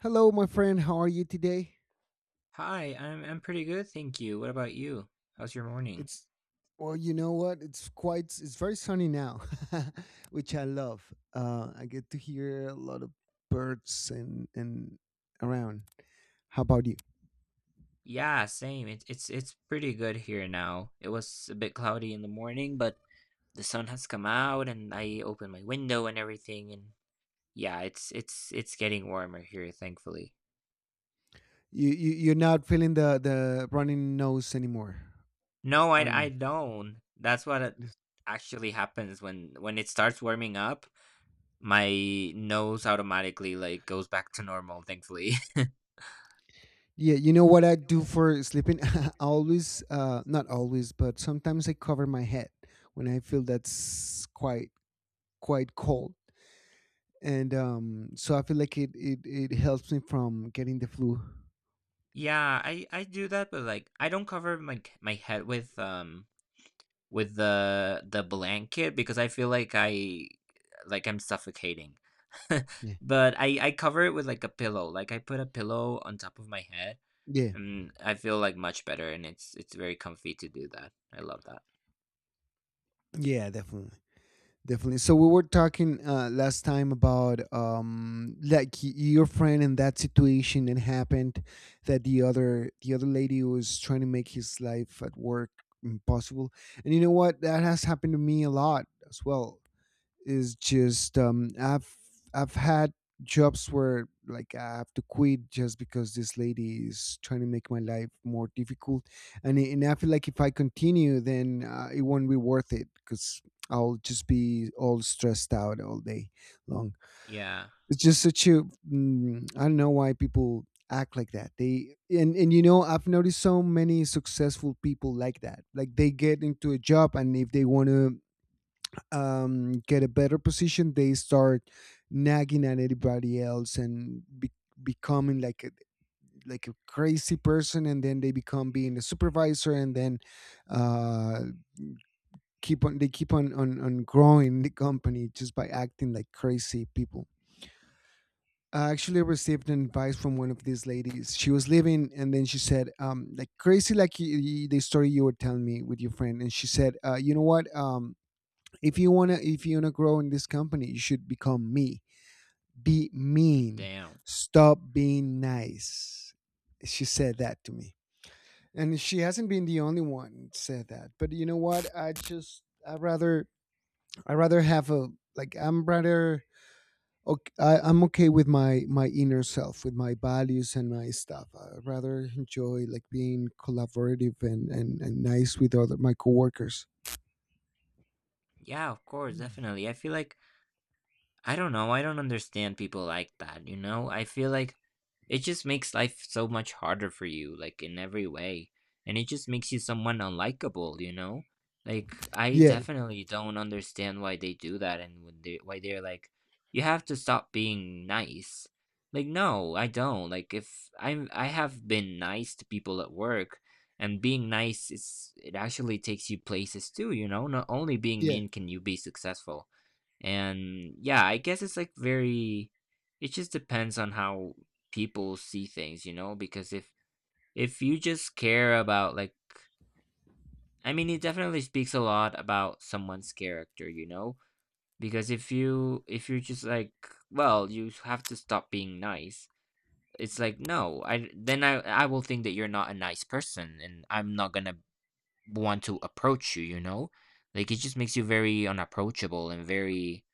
Hello, my friend. How are you today? Hi, I'm pretty good, thank you. What about you? How's your morning? It's well, you know what? It's quite. It's very sunny now, which I love. I get to hear a lot of birds and around. How about you? Yeah, same. It's pretty good here now. It was a bit cloudy in the morning, but the sun has come out and I opened my window and everything and yeah, it's getting warmer here, thankfully. You're not feeling the running nose anymore, No, are I you? don't. That's what it Yes. actually happens when it starts warming up, my nose automatically like goes back to normal, thankfully. Yeah, you know what I do for sleeping? I always, not always, but sometimes I cover my head when I feel that's quite cold. And so I feel like it helps me from getting the flu. Yeah, I do that, but like I don't cover my head with the blanket because I feel like I'm suffocating. Yeah, But I cover it with, like, a pillow, like, I put a pillow on top of my head, yeah, and I feel, like, much better, and it's very comfy to do that. I love that. yeah, definitely, definitely. So we were talking last time about like your friend and that situation and happened that the other lady was trying to make his life at work impossible. And you know what, that has happened to me a lot as well, is just I've had jobs where like I have to quit just because this lady is trying to make my life more difficult. And I feel like if I continue then it won't be worth it, cuz I'll just be all stressed out all day long. Yeah. It's just such a mm, I don't know why people act like that. They and you know, I've noticed so many successful people like that. Like they get into a job, and if they want to get a better position, they start nagging at everybody else and becoming like a crazy person, and then they become being a supervisor, and then uh, keep on they keep on growing the company just by acting like crazy people. I actually received an advice from one of these ladies. She was leaving, and then she said, like crazy, like the story you were telling me with your friend. And she said, you know what? If you wanna grow in this company, you should become me. Be mean. Damn. Stop being nice. She said that to me, and she hasn't been the only one that said that. But you know what? I rather, I rather have a, like I'm rather okay, I'm okay with my my inner self, with my values and my stuff. I rather enjoy like being collaborative and nice with other my coworkers. Yeah, of course, definitely. I feel like I don't know, I don't understand people like that, you know? I feel like it just makes life so much harder for you, like in every way. And it just makes you someone unlikable, you know? Like I Yeah, definitely don't understand why they do that and when they why they're like, you have to stop being nice. Like no, I don't. Like if I'm I have been nice to people at work and being nice is it actually takes you places too, you know? Not only being yeah. mean can you be successful. And yeah, I guess it's like very it just depends on how people see things, you know, because if you just care about like I mean it definitely speaks a lot about someone's character, you know? Because if you're just like, well, you have to stop being nice. It's like, no, I then I will think that you're not a nice person and I'm not going to want to approach you, you know? Like it just makes you very unapproachable and very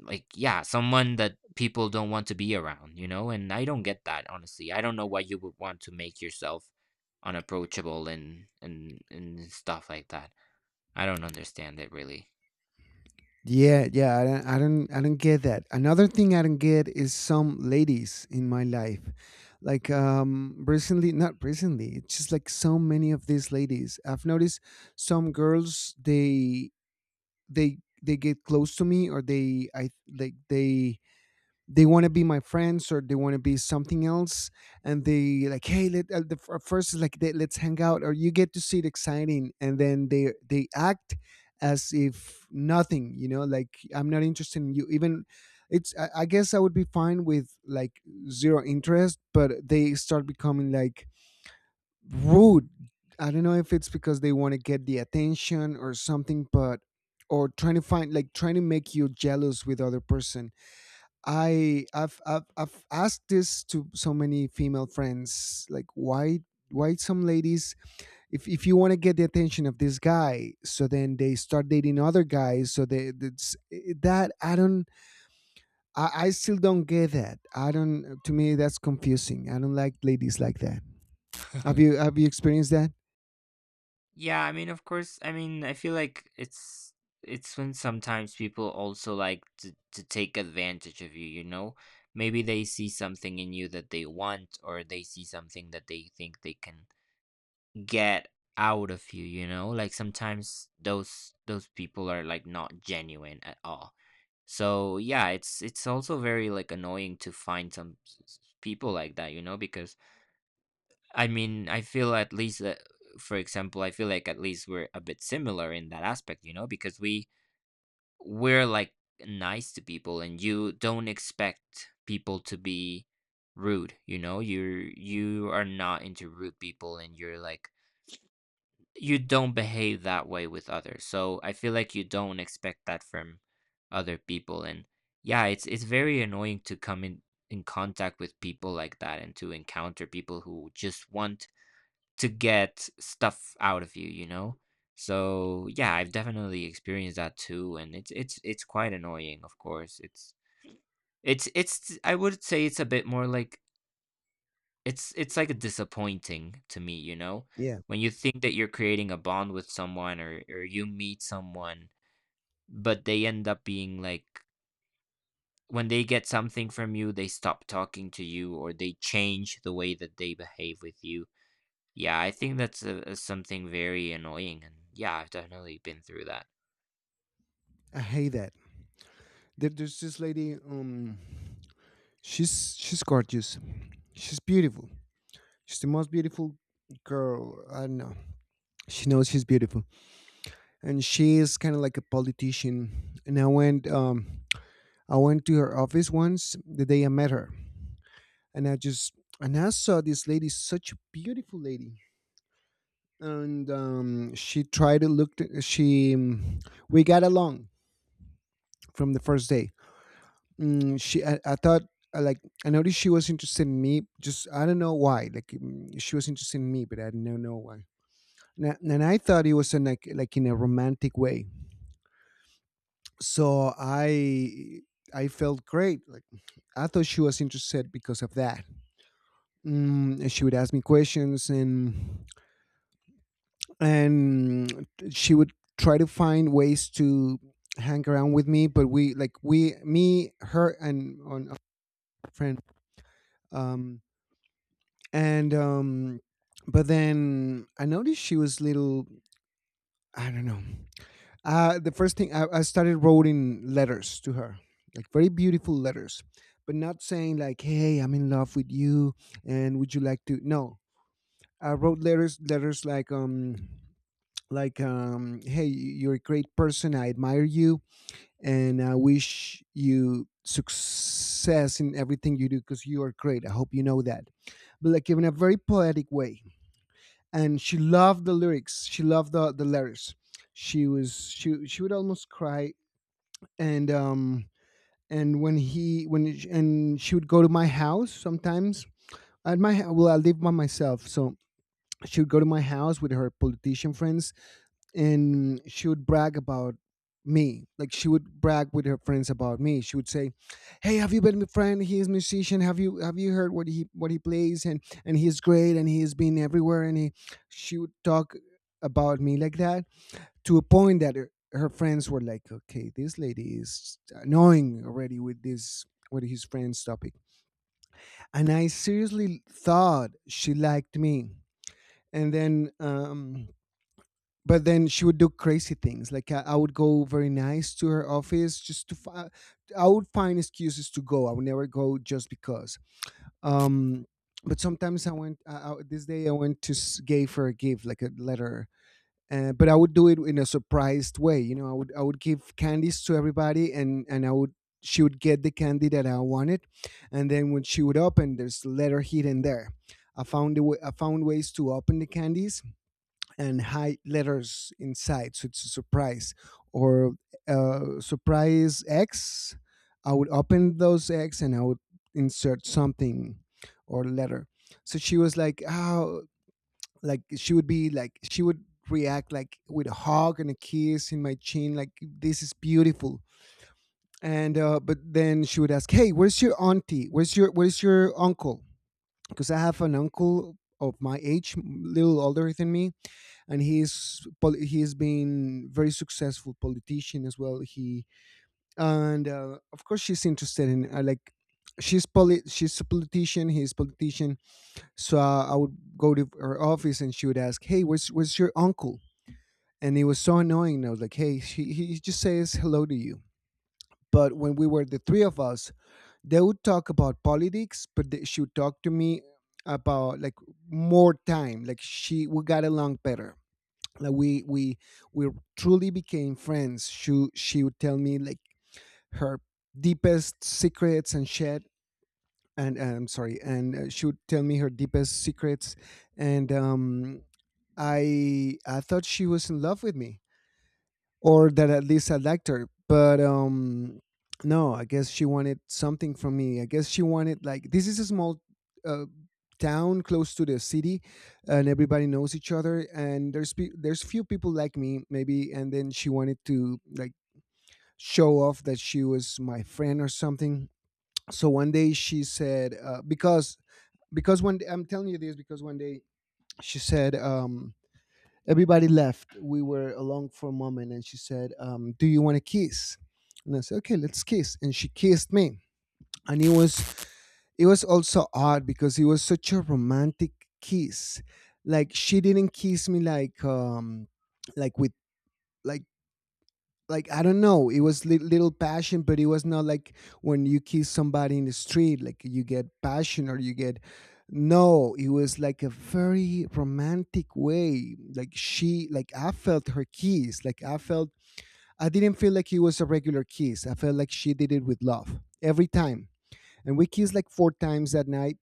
like yeah someone that people don't want to be around, you know? And I don't get that, honestly. I don't know why you would want to make yourself unapproachable and and stuff like that. I don't understand it, really. Yeah, yeah, I don't get that. Another thing I don't get is some ladies in my life, like recently, not recently. It's just like so many of these ladies. I've noticed some girls, they get close to me, or they I like they want to be my friends, or they want to be something else. And they like, hey, let the first is like, they, let's hang out, or you get to see it exciting, and then they act as if nothing, you know, like I'm not interested in you even. It's I guess I would be fine with like zero interest, but they start becoming like rude. I don't know if it's because they want to get the attention or something, but or trying to find like trying to make you jealous with other person. I I've asked this to so many female friends, like why some ladies, if you want to get the attention of this guy, so then they start dating other guys, so they that's, eh, that I don't, I still don't get that. I don't, to me that's confusing. I don't like ladies like that. Have you have you experienced that? Yeah, I mean, of course. I mean, I feel like it's when sometimes people also like to take advantage of you, you know? Maybe they see something in you that they want, or they see something that they think they can get out of you, you know? Like sometimes those people are like not genuine at all. So yeah, it's also very like annoying to find some people like that, you know, because I mean, I feel at least that, for example, I feel like at least we're a bit similar in that aspect, you know, because we're like nice to people, and you don't expect people to be rude. You know, you are not into rude people, and you're like you don't behave that way with others. So I feel like you don't expect that from other people, and yeah, it's very annoying to come in contact with people like that and to encounter people who just want to get stuff out of you, you know? So yeah, I've definitely experienced that too, and it's quite annoying, of course. It's I would say it's a bit more like it's like a disappointing to me, you know? Yeah, When you think that you're creating a bond with someone, or you meet someone, but they end up being like when they get something from you, they stop talking to you or they change the way that they behave with you. Yeah, I think that's a, something very annoying, and yeah, I've definitely been through that. I hate that. There's this lady. She's gorgeous. She's beautiful. She's the most beautiful girl. I don't know. She knows she's beautiful, and she is kind of like a politician. And I went I went to her office once the day I met her. And I just, and I saw this lady, such a beautiful lady. And she tried to look she we got along from the first day. Mm, I thought I like, I noticed she was interested in me, just I don't know why, like mm, she was interested in me, but I don't know why. And I thought it was in like in a romantic way. So I felt great, like I thought she was interested because of that. Mm, and she would ask me questions, and she would try to find ways to hang around with me, but we like we me her and on a friend um and but then I noticed she was little, I don't know. The first thing, I started writing letters to her, like very beautiful letters, but not saying like, "Hey, I'm in love with you, and would you like to?" No, I wrote letters, letters like, "Hey, you're a great person. I admire you, and I wish you success in everything you do because you are great. I hope you know that." But like in a very poetic way, and she loved the lyrics. She loved the letters. She was she would almost cry. And and when he when sh- and she would go to my house sometimes, at my, well I live by myself, so she would go to my house with her politician friends. And she would brag about me, like she would brag with her friends about me. She would say, hey, have you been my friend, he is a musician, have you heard what he, what he plays, and he's great, and he's been everywhere, and he, she would talk about me like that, to a point that her, her friends were like, okay, this lady is annoying already with this, with his friends topic. And I seriously thought she liked me. And then but then she would do crazy things, like I would go very nice to her office just to I would find excuses to go, I would never go just because um but sometimes I went, this day I went to gave her a gift, like a letter. But I would do it in a surprised way. You know, I would give candies to everybody, and I would, she would get the candy that I wanted, and then when she would open, there's letter hidden there. I found a way, I found ways to open the candies and hide letters inside, so it's a surprise. Or surprise X, I would open those eggs, and I would insert something or letter. So she was like, "Oh, like she would be like she would react like with a hug and a kiss in my chin, like this is beautiful. And but then she would ask, hey, where's your auntie, where's your uncle, because I have an uncle of my age, little older than me, and he's he's been very successful politician as well, he, and of course she's interested in like, she's she's a politician, he's politician. So I would go to her office, and she would ask, hey, where's your uncle. And it was so annoying. I was like, hey, she, he just says hello to you. But when we were the three of us, they would talk about politics, but they, she would talk to me about like more time. Like she, we got along better. Like we truly became friends. She would tell me like her deepest secrets and shit. And I'm sorry. And she would tell me her deepest secrets. And I thought she was in love with me, or that at least I liked her. But no, I guess she wanted something from me. I guess she wanted, like, this is a small uh, town close to the city, and everybody knows each other. And there's there's few people like me, maybe. And then she wanted to like show off that she was my friend or something. So one day she said because one day, I'm telling you this, because one day she said everybody left. We were alone for a moment, and she said, "Do you want to kiss?" And I said, "Okay, let's kiss." And she kissed me, and it was, it was also odd, because it was such a romantic kiss. Like she didn't kiss me like with, like like I don't know. It was little passion, but it was not like when you kiss somebody in the street, like you get passion, or you get. No, it was like a very romantic way. Like she, like I felt her kiss. Like I felt, I didn't feel like it was a regular kiss. I felt like she did it with love every time. And we kissed like four times that night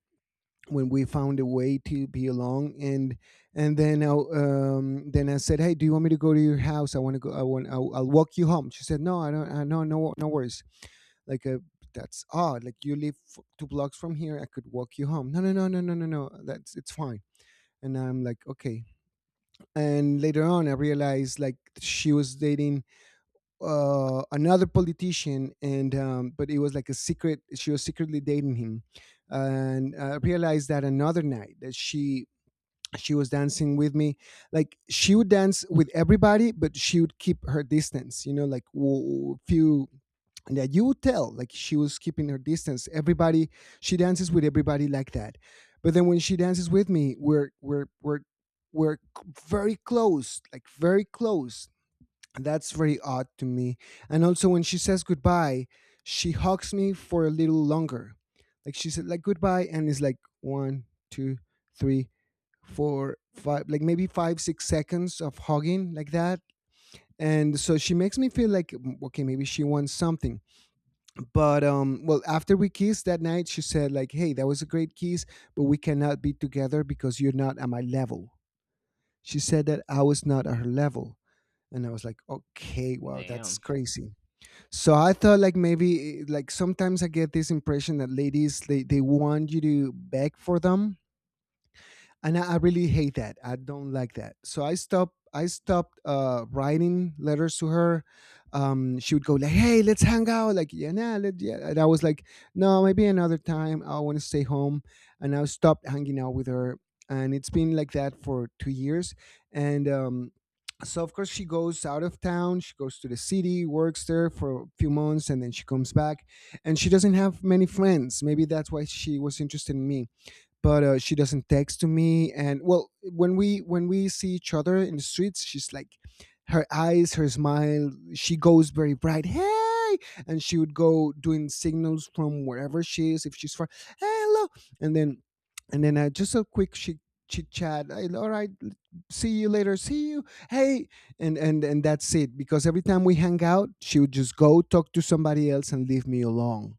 when we found a way to be along. Then I said, "Hey, do you want me to go to your house? I want to go I want I'll walk you home." She said, "No, I don't I, no, no, no worries." like uh, that's odd. Like, you live two blocks from here. I could walk you home. "No, no, no, no, no, no, no, that's it's fine." And I'm like, okay. And later on I realized like she was dating another politician, and um, but it was like a secret. She was secretly dating him. And I realized that another night that she was dancing with me. Like, she would dance with everybody, but she would keep her distance, you know, like few, that you would tell, like she was keeping her distance everybody. She dances with everybody like that. But then when she dances with me, we're very close, like very close. And that's very odd to me. And also, when she says goodbye, she hugs me for a little longer. Like, she said like goodbye and it's like 1, 2, 3 for five, like maybe 5, 6 seconds of hugging like that. And so she makes me feel like, okay, maybe she wants something. But um, well, after we kissed that night, she said like, "Hey, that was a great kiss, but we cannot be together because you're not at my level." She said that I was not at her level. And I was like, okay, wow, that's Damn. crazy. So I thought like maybe, like sometimes I get this impression that ladies, they want you to beg for them. And I really hate that. I don't like that. So I stopped. I stopped writing letters to her. She would go like, "Hey, let's hang out." Like, yeah. And I was like, "No, maybe another time. I want to stay home." And I stopped hanging out with her. And it's been like that for 2 years. And So, of course, she goes out of town. She goes to the city, works there for a few months, and then she comes back. And she doesn't have many friends. Maybe that's why she was interested in me, but she doesn't text to me. And well, when we see each other in the streets, she's like, her eyes, her smile, she goes very bright, "Hey!" And she would go doing signals from wherever she is, if she's far. "Hey, hello!" And then, just a quick, she chit chat. "Hey, all right, see you later, see you, hey." And that's it, because every time we hang out, she would just go talk to somebody else and leave me alone.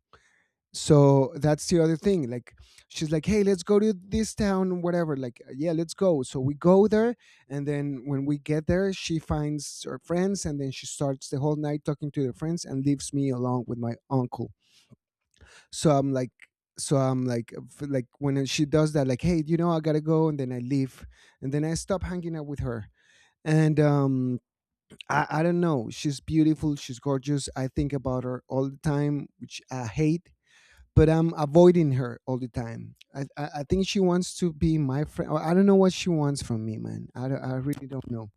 So that's the other thing. Like, she's like, "Hey, let's go to this town," whatever, like, "Yeah, let's go." So we go there, and then when we get there, she finds her friends, and then she starts the whole night talking to her friends and leaves me alone with my uncle. so i'm like so I'm like, like when she does that, like, "Hey, you know, I gotta go," and then I leave. And then I stop hanging out with her. And um, I don't know. She's beautiful, she's gorgeous. I think about her all the time, which I hate, but I'm avoiding her all the time. I think she wants to be my friend. I don't know what she wants from me, man. I really don't know.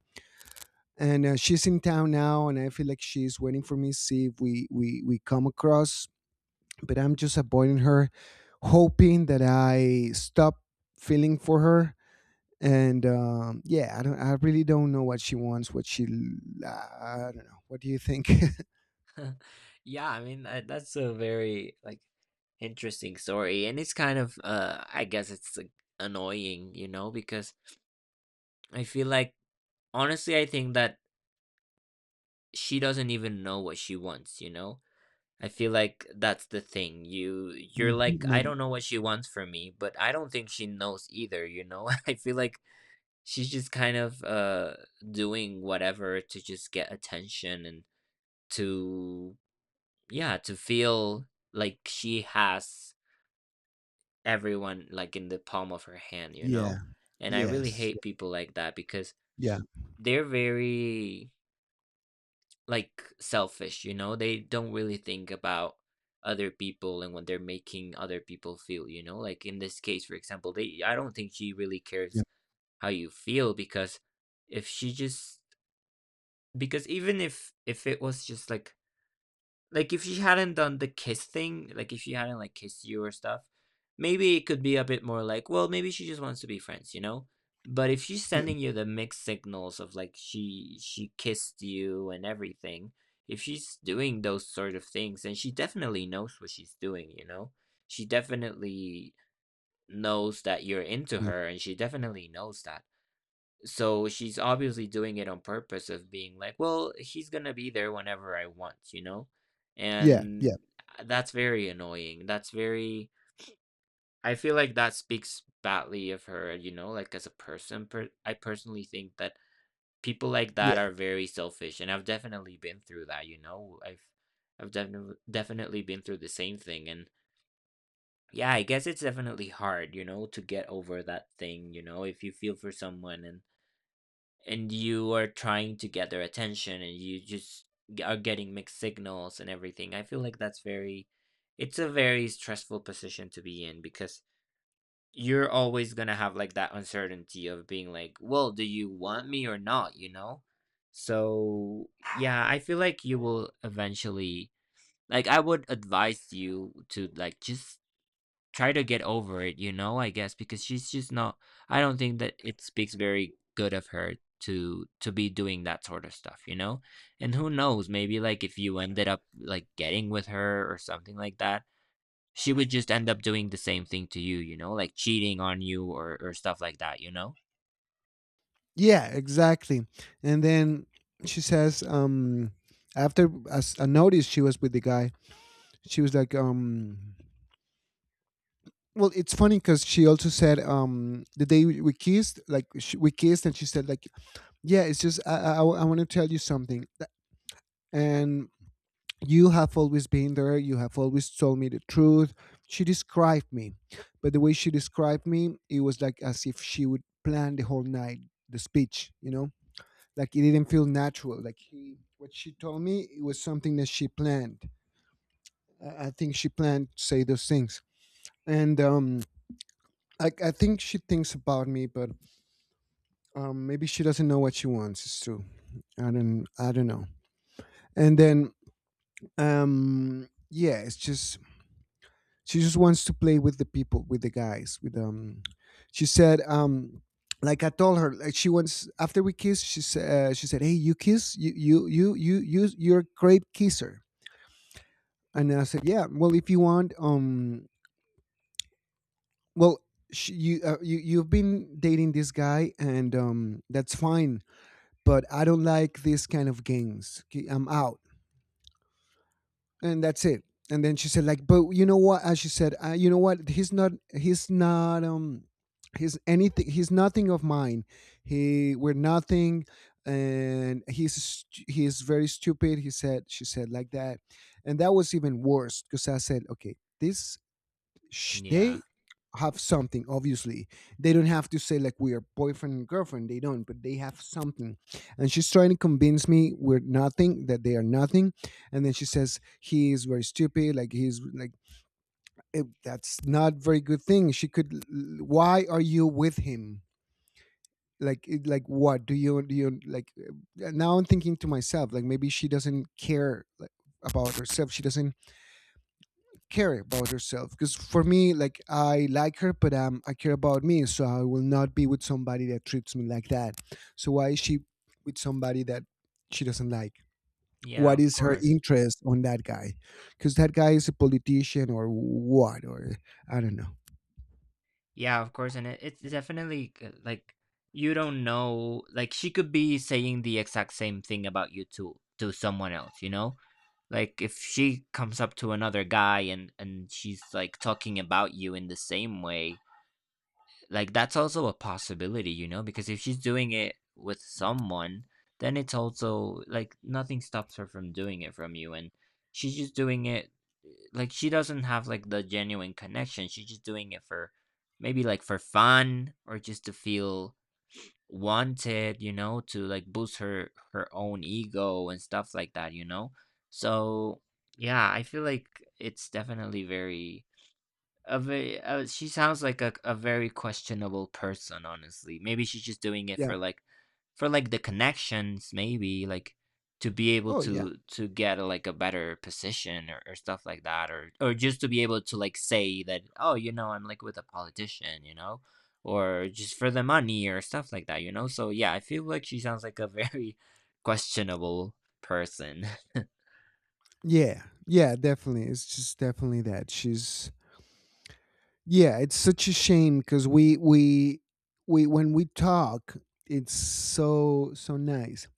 And she's in town now, and I feel like she's waiting for me to see if we come across. But I'm just avoiding her, hoping that I stop feeling for her. And Yeah, I don't. I really don't know what she wants. I don't know. What do you think? Yeah, I mean that, that's a very like interesting story and it's kind of I guess it's like, annoying, you know, because I feel like honestly I think that she doesn't even know what she wants, you know? I feel like that's the thing. You're Mhm. like I Maybe. don't know what she wants from me, but I don't think she knows either, you know? I feel like she's just kind of, doing whatever to just get attention and to yeah, to feel like she has everyone, like, in the palm of her hand, you know? Yeah. And I really Yes. hate people like that because Yeah. they're very, like, selfish, you know? They don't really think about other people and what they're making other people feel, you know? Like, in this case, for example, they I don't think she really Yeah. cares how you feel because if she just because even if it was just like if she hadn't done the kiss thing, like if she hadn't like kissed you or stuff, maybe it could be a bit more like, well, maybe she just wants to be friends, you know? But if she's Yeah. sending you the mixed signals of like she kissed you and everything, if she's doing those sort of things, and she definitely knows what she's doing, you know? She definitely knows that you're into Yeah. her and she definitely knows that. So she's obviously doing it on purpose of being like, well, he's gonna be there whenever I want, you know? Yeah. Yeah. And that's very annoying. That's very, I feel like that speaks badly of her, you know, like as a person. I personally think that people like that are very selfish, and I've definitely been through that, you know? I've definitely been through the same thing, and yeah, I guess it's definitely hard, you know, to get over that thing, you know, if you feel for someone and you are trying to get their attention and you just are getting mixed signals and everything. I feel like that's very, it's a very stressful position to be in because you're always going to have like that uncertainty of being like, well, do you want me or not? You know? So, yeah, I feel like you will eventually, like, I would advise you to like just try to get over it, you know, I guess, because she's just not I don't think that it speaks very good of her to be doing that sort of stuff, you know? And who knows, maybe like if you ended up like getting with her or something like that, she would just end up doing the same thing to you, you know, like cheating on you or stuff like that, you know? Yeah, exactly. And then she says, after as I noticed she was with the guy, she was like, well, it's funny because she also said, the day we kissed, like sh we kissed, and she said like, yeah, it's just, I want to tell you something. And you have always been there. You have always told me the truth. She described me, but the way she described me, it was like as if she would plan the whole night, the speech, you know. Like, it didn't feel natural. Like, he what she told me, it was something that she planned. I think she planned to say those things. And um, I think she thinks about me, but um, maybe she doesn't know what she wants. It's true. I don't know. And then, um, yeah, it's just she just wants to play with the people, with the guys, with, she said, like, I told her, like, she wants, after we kissed, she said, "Hey, you kiss, you're a great kisser." And I said, yeah, well, if you want, well, you, you, you've been dating this guy, and that's fine. But I don't like this kind of games. 'Kay, I'm out, and that's it. And then she said like, "But you know what?" As she said, "You know what? He's not. He's not. He's anything. He's nothing of mine. He We're nothing," and "He's he's very stupid," he said. She said like that. And that was even worse, because I said, okay, Yeah. they have something obviously. They don't have to say like, "We are boyfriend and girlfriend," they don't, but they have something. And she's trying to convince me we're nothing, that they are nothing. And then she says he is very stupid. Like, he's like, that's not very good thing she could. Why are you with him? Like, like, what do you, now I'm thinking to myself, like, maybe she doesn't care, like, about herself. She doesn't care about herself, because for me, like, I like her, but um, I care about me. So I will not be with somebody that treats me like that. So why is she with somebody that she doesn't like? Yeah, What of is her course. interest on that guy? Because that guy is a politician or what? Or I don't know. Yeah, of course, and it's definitely like you don't know. Like she could be saying the exact same thing about you to someone else. You know, like if she comes up to another guy and she's like talking about you in the same way, like that's also a possibility, you know, because if she's doing it with someone, then it's also like nothing stops her from doing it from you and she's just doing it like she doesn't have like the genuine connection. She's just doing it for maybe like for fun or just to feel wanted, you know, to like boost her own ego and stuff like that, you know. So, yeah, I feel like it's definitely very a very, she sounds like a very questionable person, honestly. Maybe she's just doing it Yeah. For like the connections, maybe like to be able Oh yeah. To get like a better position, or stuff like that, or just to be able to like say that, oh, you know, I'm like with a politician, you know, or just for the money or stuff like that, you know. So yeah, I feel like she sounds like a very questionable person. Yeah, yeah, definitely. It's just definitely that she's, yeah, it's such a shame, because we when we talk, it's so, so nice.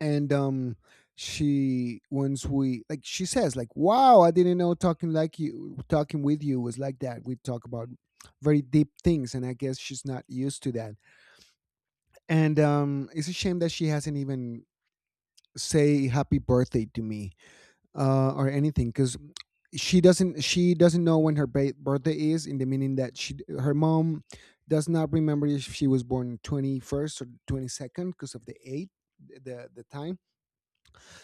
And um, she says like, "Wow, I didn't know talking, like, you, talking with you was like that." We talk about very deep things, and I guess she's not used to that. And um, it's a shame that she hasn't even say happy birthday to me, or anything, because she doesn't know when her birthday is, in the meaning that she her mom does not remember if she was born 21st or 22nd because of the eight, the time.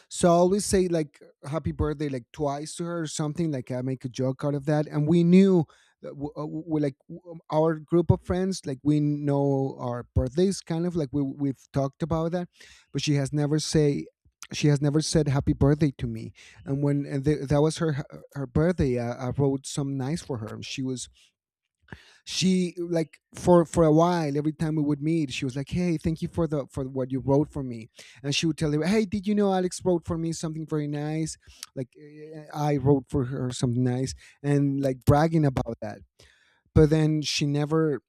So I always say like happy birthday like twice to her or something. Like, I make a joke out of that. And we knew that, our group of friends, like, we know our birthdays, kind of. Like, we've talked about that. But she has never say she has never said happy birthday to me. And that was her, her birthday, I wrote some nice for her. And she was, she like, for a while, every time we would meet, she was like, "Hey, thank you for the, for what you wrote for me." And she would tell you, "Hey, did you know Alex wrote for me something very nice?" Like, I wrote for her something nice, and like bragging about that. But then she never,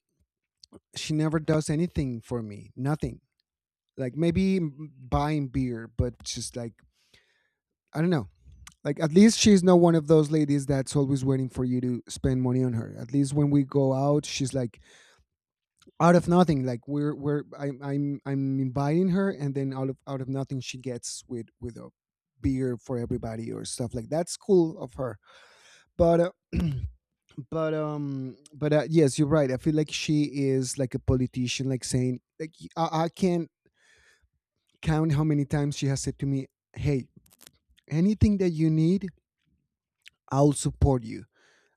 she never does anything for me. Nothing. Like, maybe buying beer, but just like, I don't know. Like, at least she's not one of those ladies that's always waiting for you to spend money on her. At least when we go out, she's like, out of nothing, like, we're I'm inviting her, and then out of, nothing, she gets with a beer for everybody or stuff like That's cool of her. But but yes, you're right. I feel like she is like a politician, like saying like, I can't count how many times she has said to me, "Hey, anything that you need, I'll support you.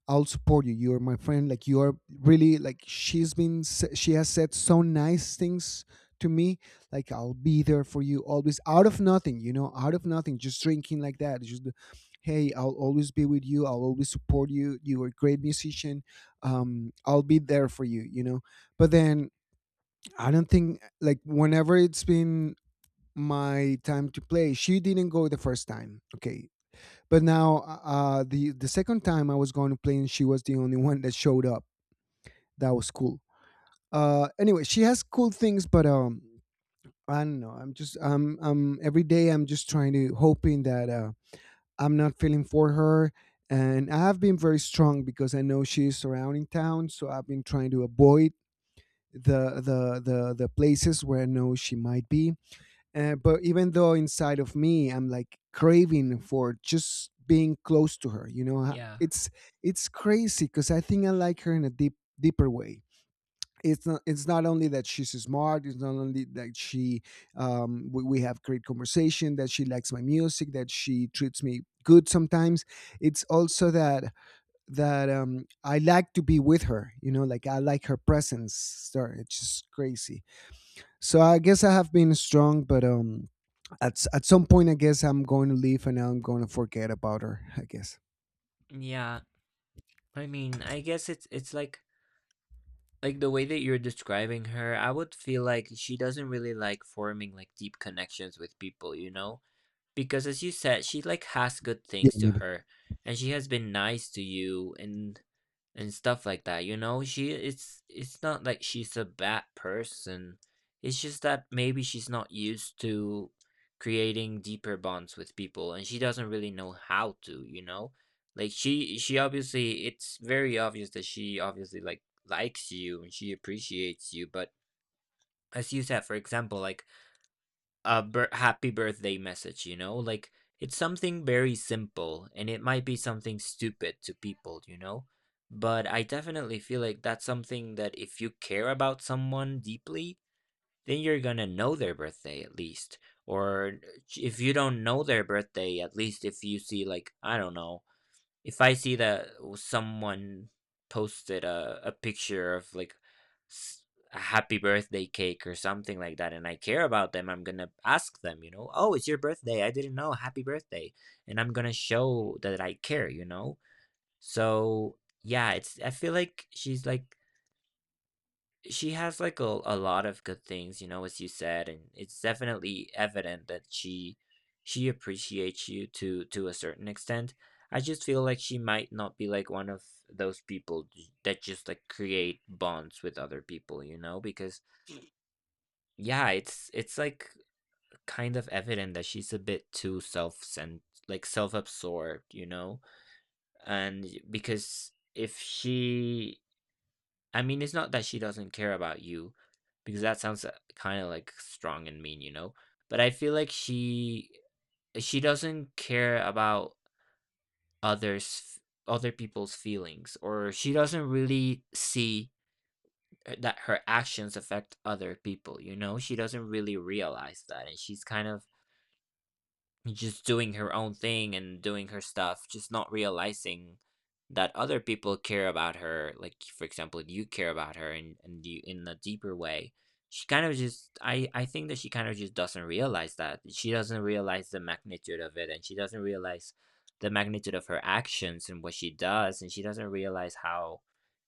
I'll support you. You're my friend." Like you are really like she has said so nice things to me. Like I'll be there for you always out of nothing, out of nothing, just drinking like that. Just hey, I'll always be with you. I'll always support you. You are a great musician. I'll be there for you, you know. But then I don't think like whenever it's been my time to play, she didn't go the first time. Okay, but now, the second time I was going to play, and she was the only one that showed up. That was cool. Anyway, she has cool things, but I don't know. I'm every day I'm just trying to hoping that I'm not feeling for her, and I have been very strong because I know she is surrounding town, so I've been trying to avoid the places where I know she might be. But even though inside of me, I'm like craving for just being close to her. You know, Yeah. it's crazy because I think I like her in a deep, deeper way. It's not. It's not only that she's smart. It's not only that she. We have great conversation. That she likes my music. That she treats me good sometimes. It's also that I like to be with her. You know, like I like her presence. Sorry, it's just crazy. So I guess I have been strong, but at some point, I guess I'm going to leave and I'm going to forget about her. I guess Yeah. I mean, I guess it's like the way that you're describing her, I would feel like she doesn't really like forming like deep connections with people, you know? Because as you said, she like has good yeah, things to maybe. her and she has been nice to you and stuff like that, you know? She it's not like she's a bad person. It's just that maybe she's not used to creating deeper bonds with people and she doesn't really know how to, you know? Like she obviously it's very obvious that she obviously like likes you and she appreciates you, but as you said, for example, like a happy birthday message, you know? Like it's something very simple and it might be something stupid to people, you know? But I definitely feel like that's something that if you care about someone deeply, then you're gonna know their birthday at least. Or if you don't know their birthday, at least if you see, like, I don't know, if I see that someone posted a picture of like s- a happy birthday cake or something like that, and I care about them, I'm gonna ask them, you know, oh, it's your birthday. I didn't know. Happy birthday. And I'm gonna show that I care, you know? So yeah, it's, I feel like she's like she has like a lot of good things, you know, as you said, and it's definitely evident that she appreciates you to a certain extent. I just feel like she might not be like one of those people that just like create bonds with other people, you know, because yeah, it's like kind of evident that she's a bit too self cent like self-absorbed, you know. And because if she I mean, it's not that she doesn't care about you, because that sounds kind of like strong and mean, you know. But I feel like she doesn't care about others other people's feelings, or she doesn't really see that her actions affect other people. You know, she doesn't really realize that, and she's kind of just doing her own thing and doing her stuff, just not realizing that other people care about her. Like for example, you care about her and you in a deeper way. She kind of just I think that she kind of just doesn't realize that. She doesn't realize the magnitude of it and she doesn't realize the magnitude of her actions and what she does and she doesn't realize how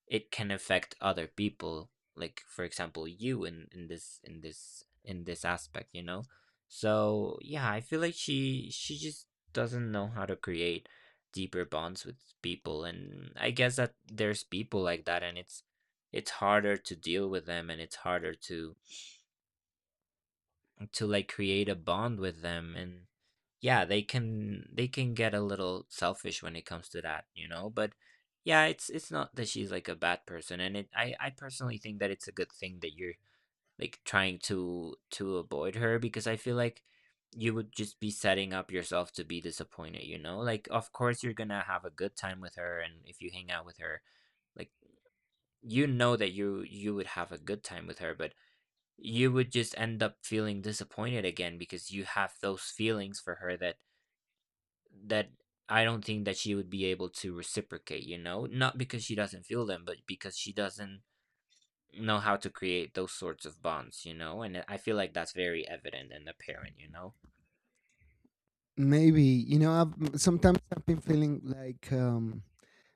it can affect other people, like for example you, in this in this aspect, you know. So yeah, I feel like she just doesn't know how to create deeper bonds with people, and I guess that there's people like that, and it's harder to deal with them, and it's harder to like create a bond with them. And yeah, they can get a little selfish when it comes to that, you know. But yeah, it's not that she's like a bad person, and it I personally think that it's a good thing that you're like trying to avoid her, because I feel like you would just be setting up yourself to be disappointed, you know. Like of course you're gonna have a good time with her, and if you hang out with her, like you know that you would have a good time with her, but you would just end up feeling disappointed again because you have those feelings for her that that I don't think that she would be able to reciprocate, you know? Not because she doesn't feel them, but because she doesn't know how to create those sorts of bonds, you know? And I feel like that's very evident and apparent, you know? Maybe you know I've sometimes I've been feeling like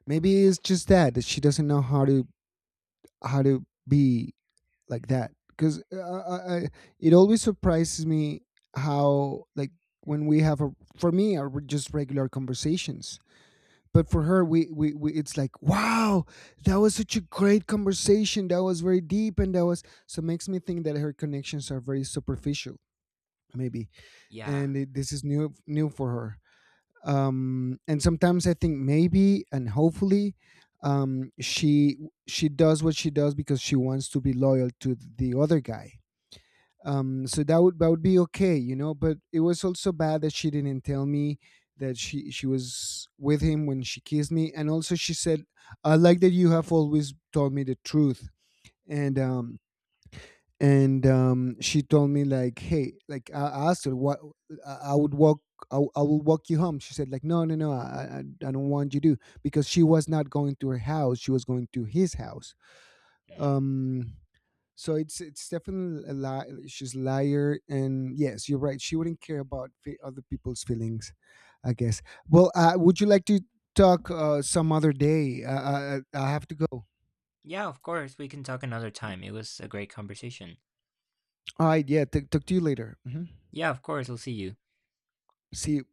maybe it's just that she doesn't know how to be like that because it always surprises me how like when we have a for me are just regular conversations but for her we it's like wow that was such a great conversation that was very deep and that was so makes me think that her connections are very superficial maybe Yeah. and it, this is new for her, and sometimes I think maybe and hopefully um she she does what she does because she wants to be loyal to the other guy. So that would be okay you know, but it was also bad that she didn't tell me that she was with him when she kissed me. And also she said I like that you have always told me the truth. And um and She told me like hey, like I asked her what I would walk I will walk you home. She said like no no no, I don't want you to, because she was not going to her house, she was going to his house. Mm. um so it's definitely a lie. She's a liar, and yes, you're right. She wouldn't care about other people's feelings, I guess. Well, would you like to talk some other day? I have to go. All Yeah, of course. We can talk another time. It was a great conversation. right, yeah. Talk to you later. Hmm. Yeah, of course. I'll see you. See you.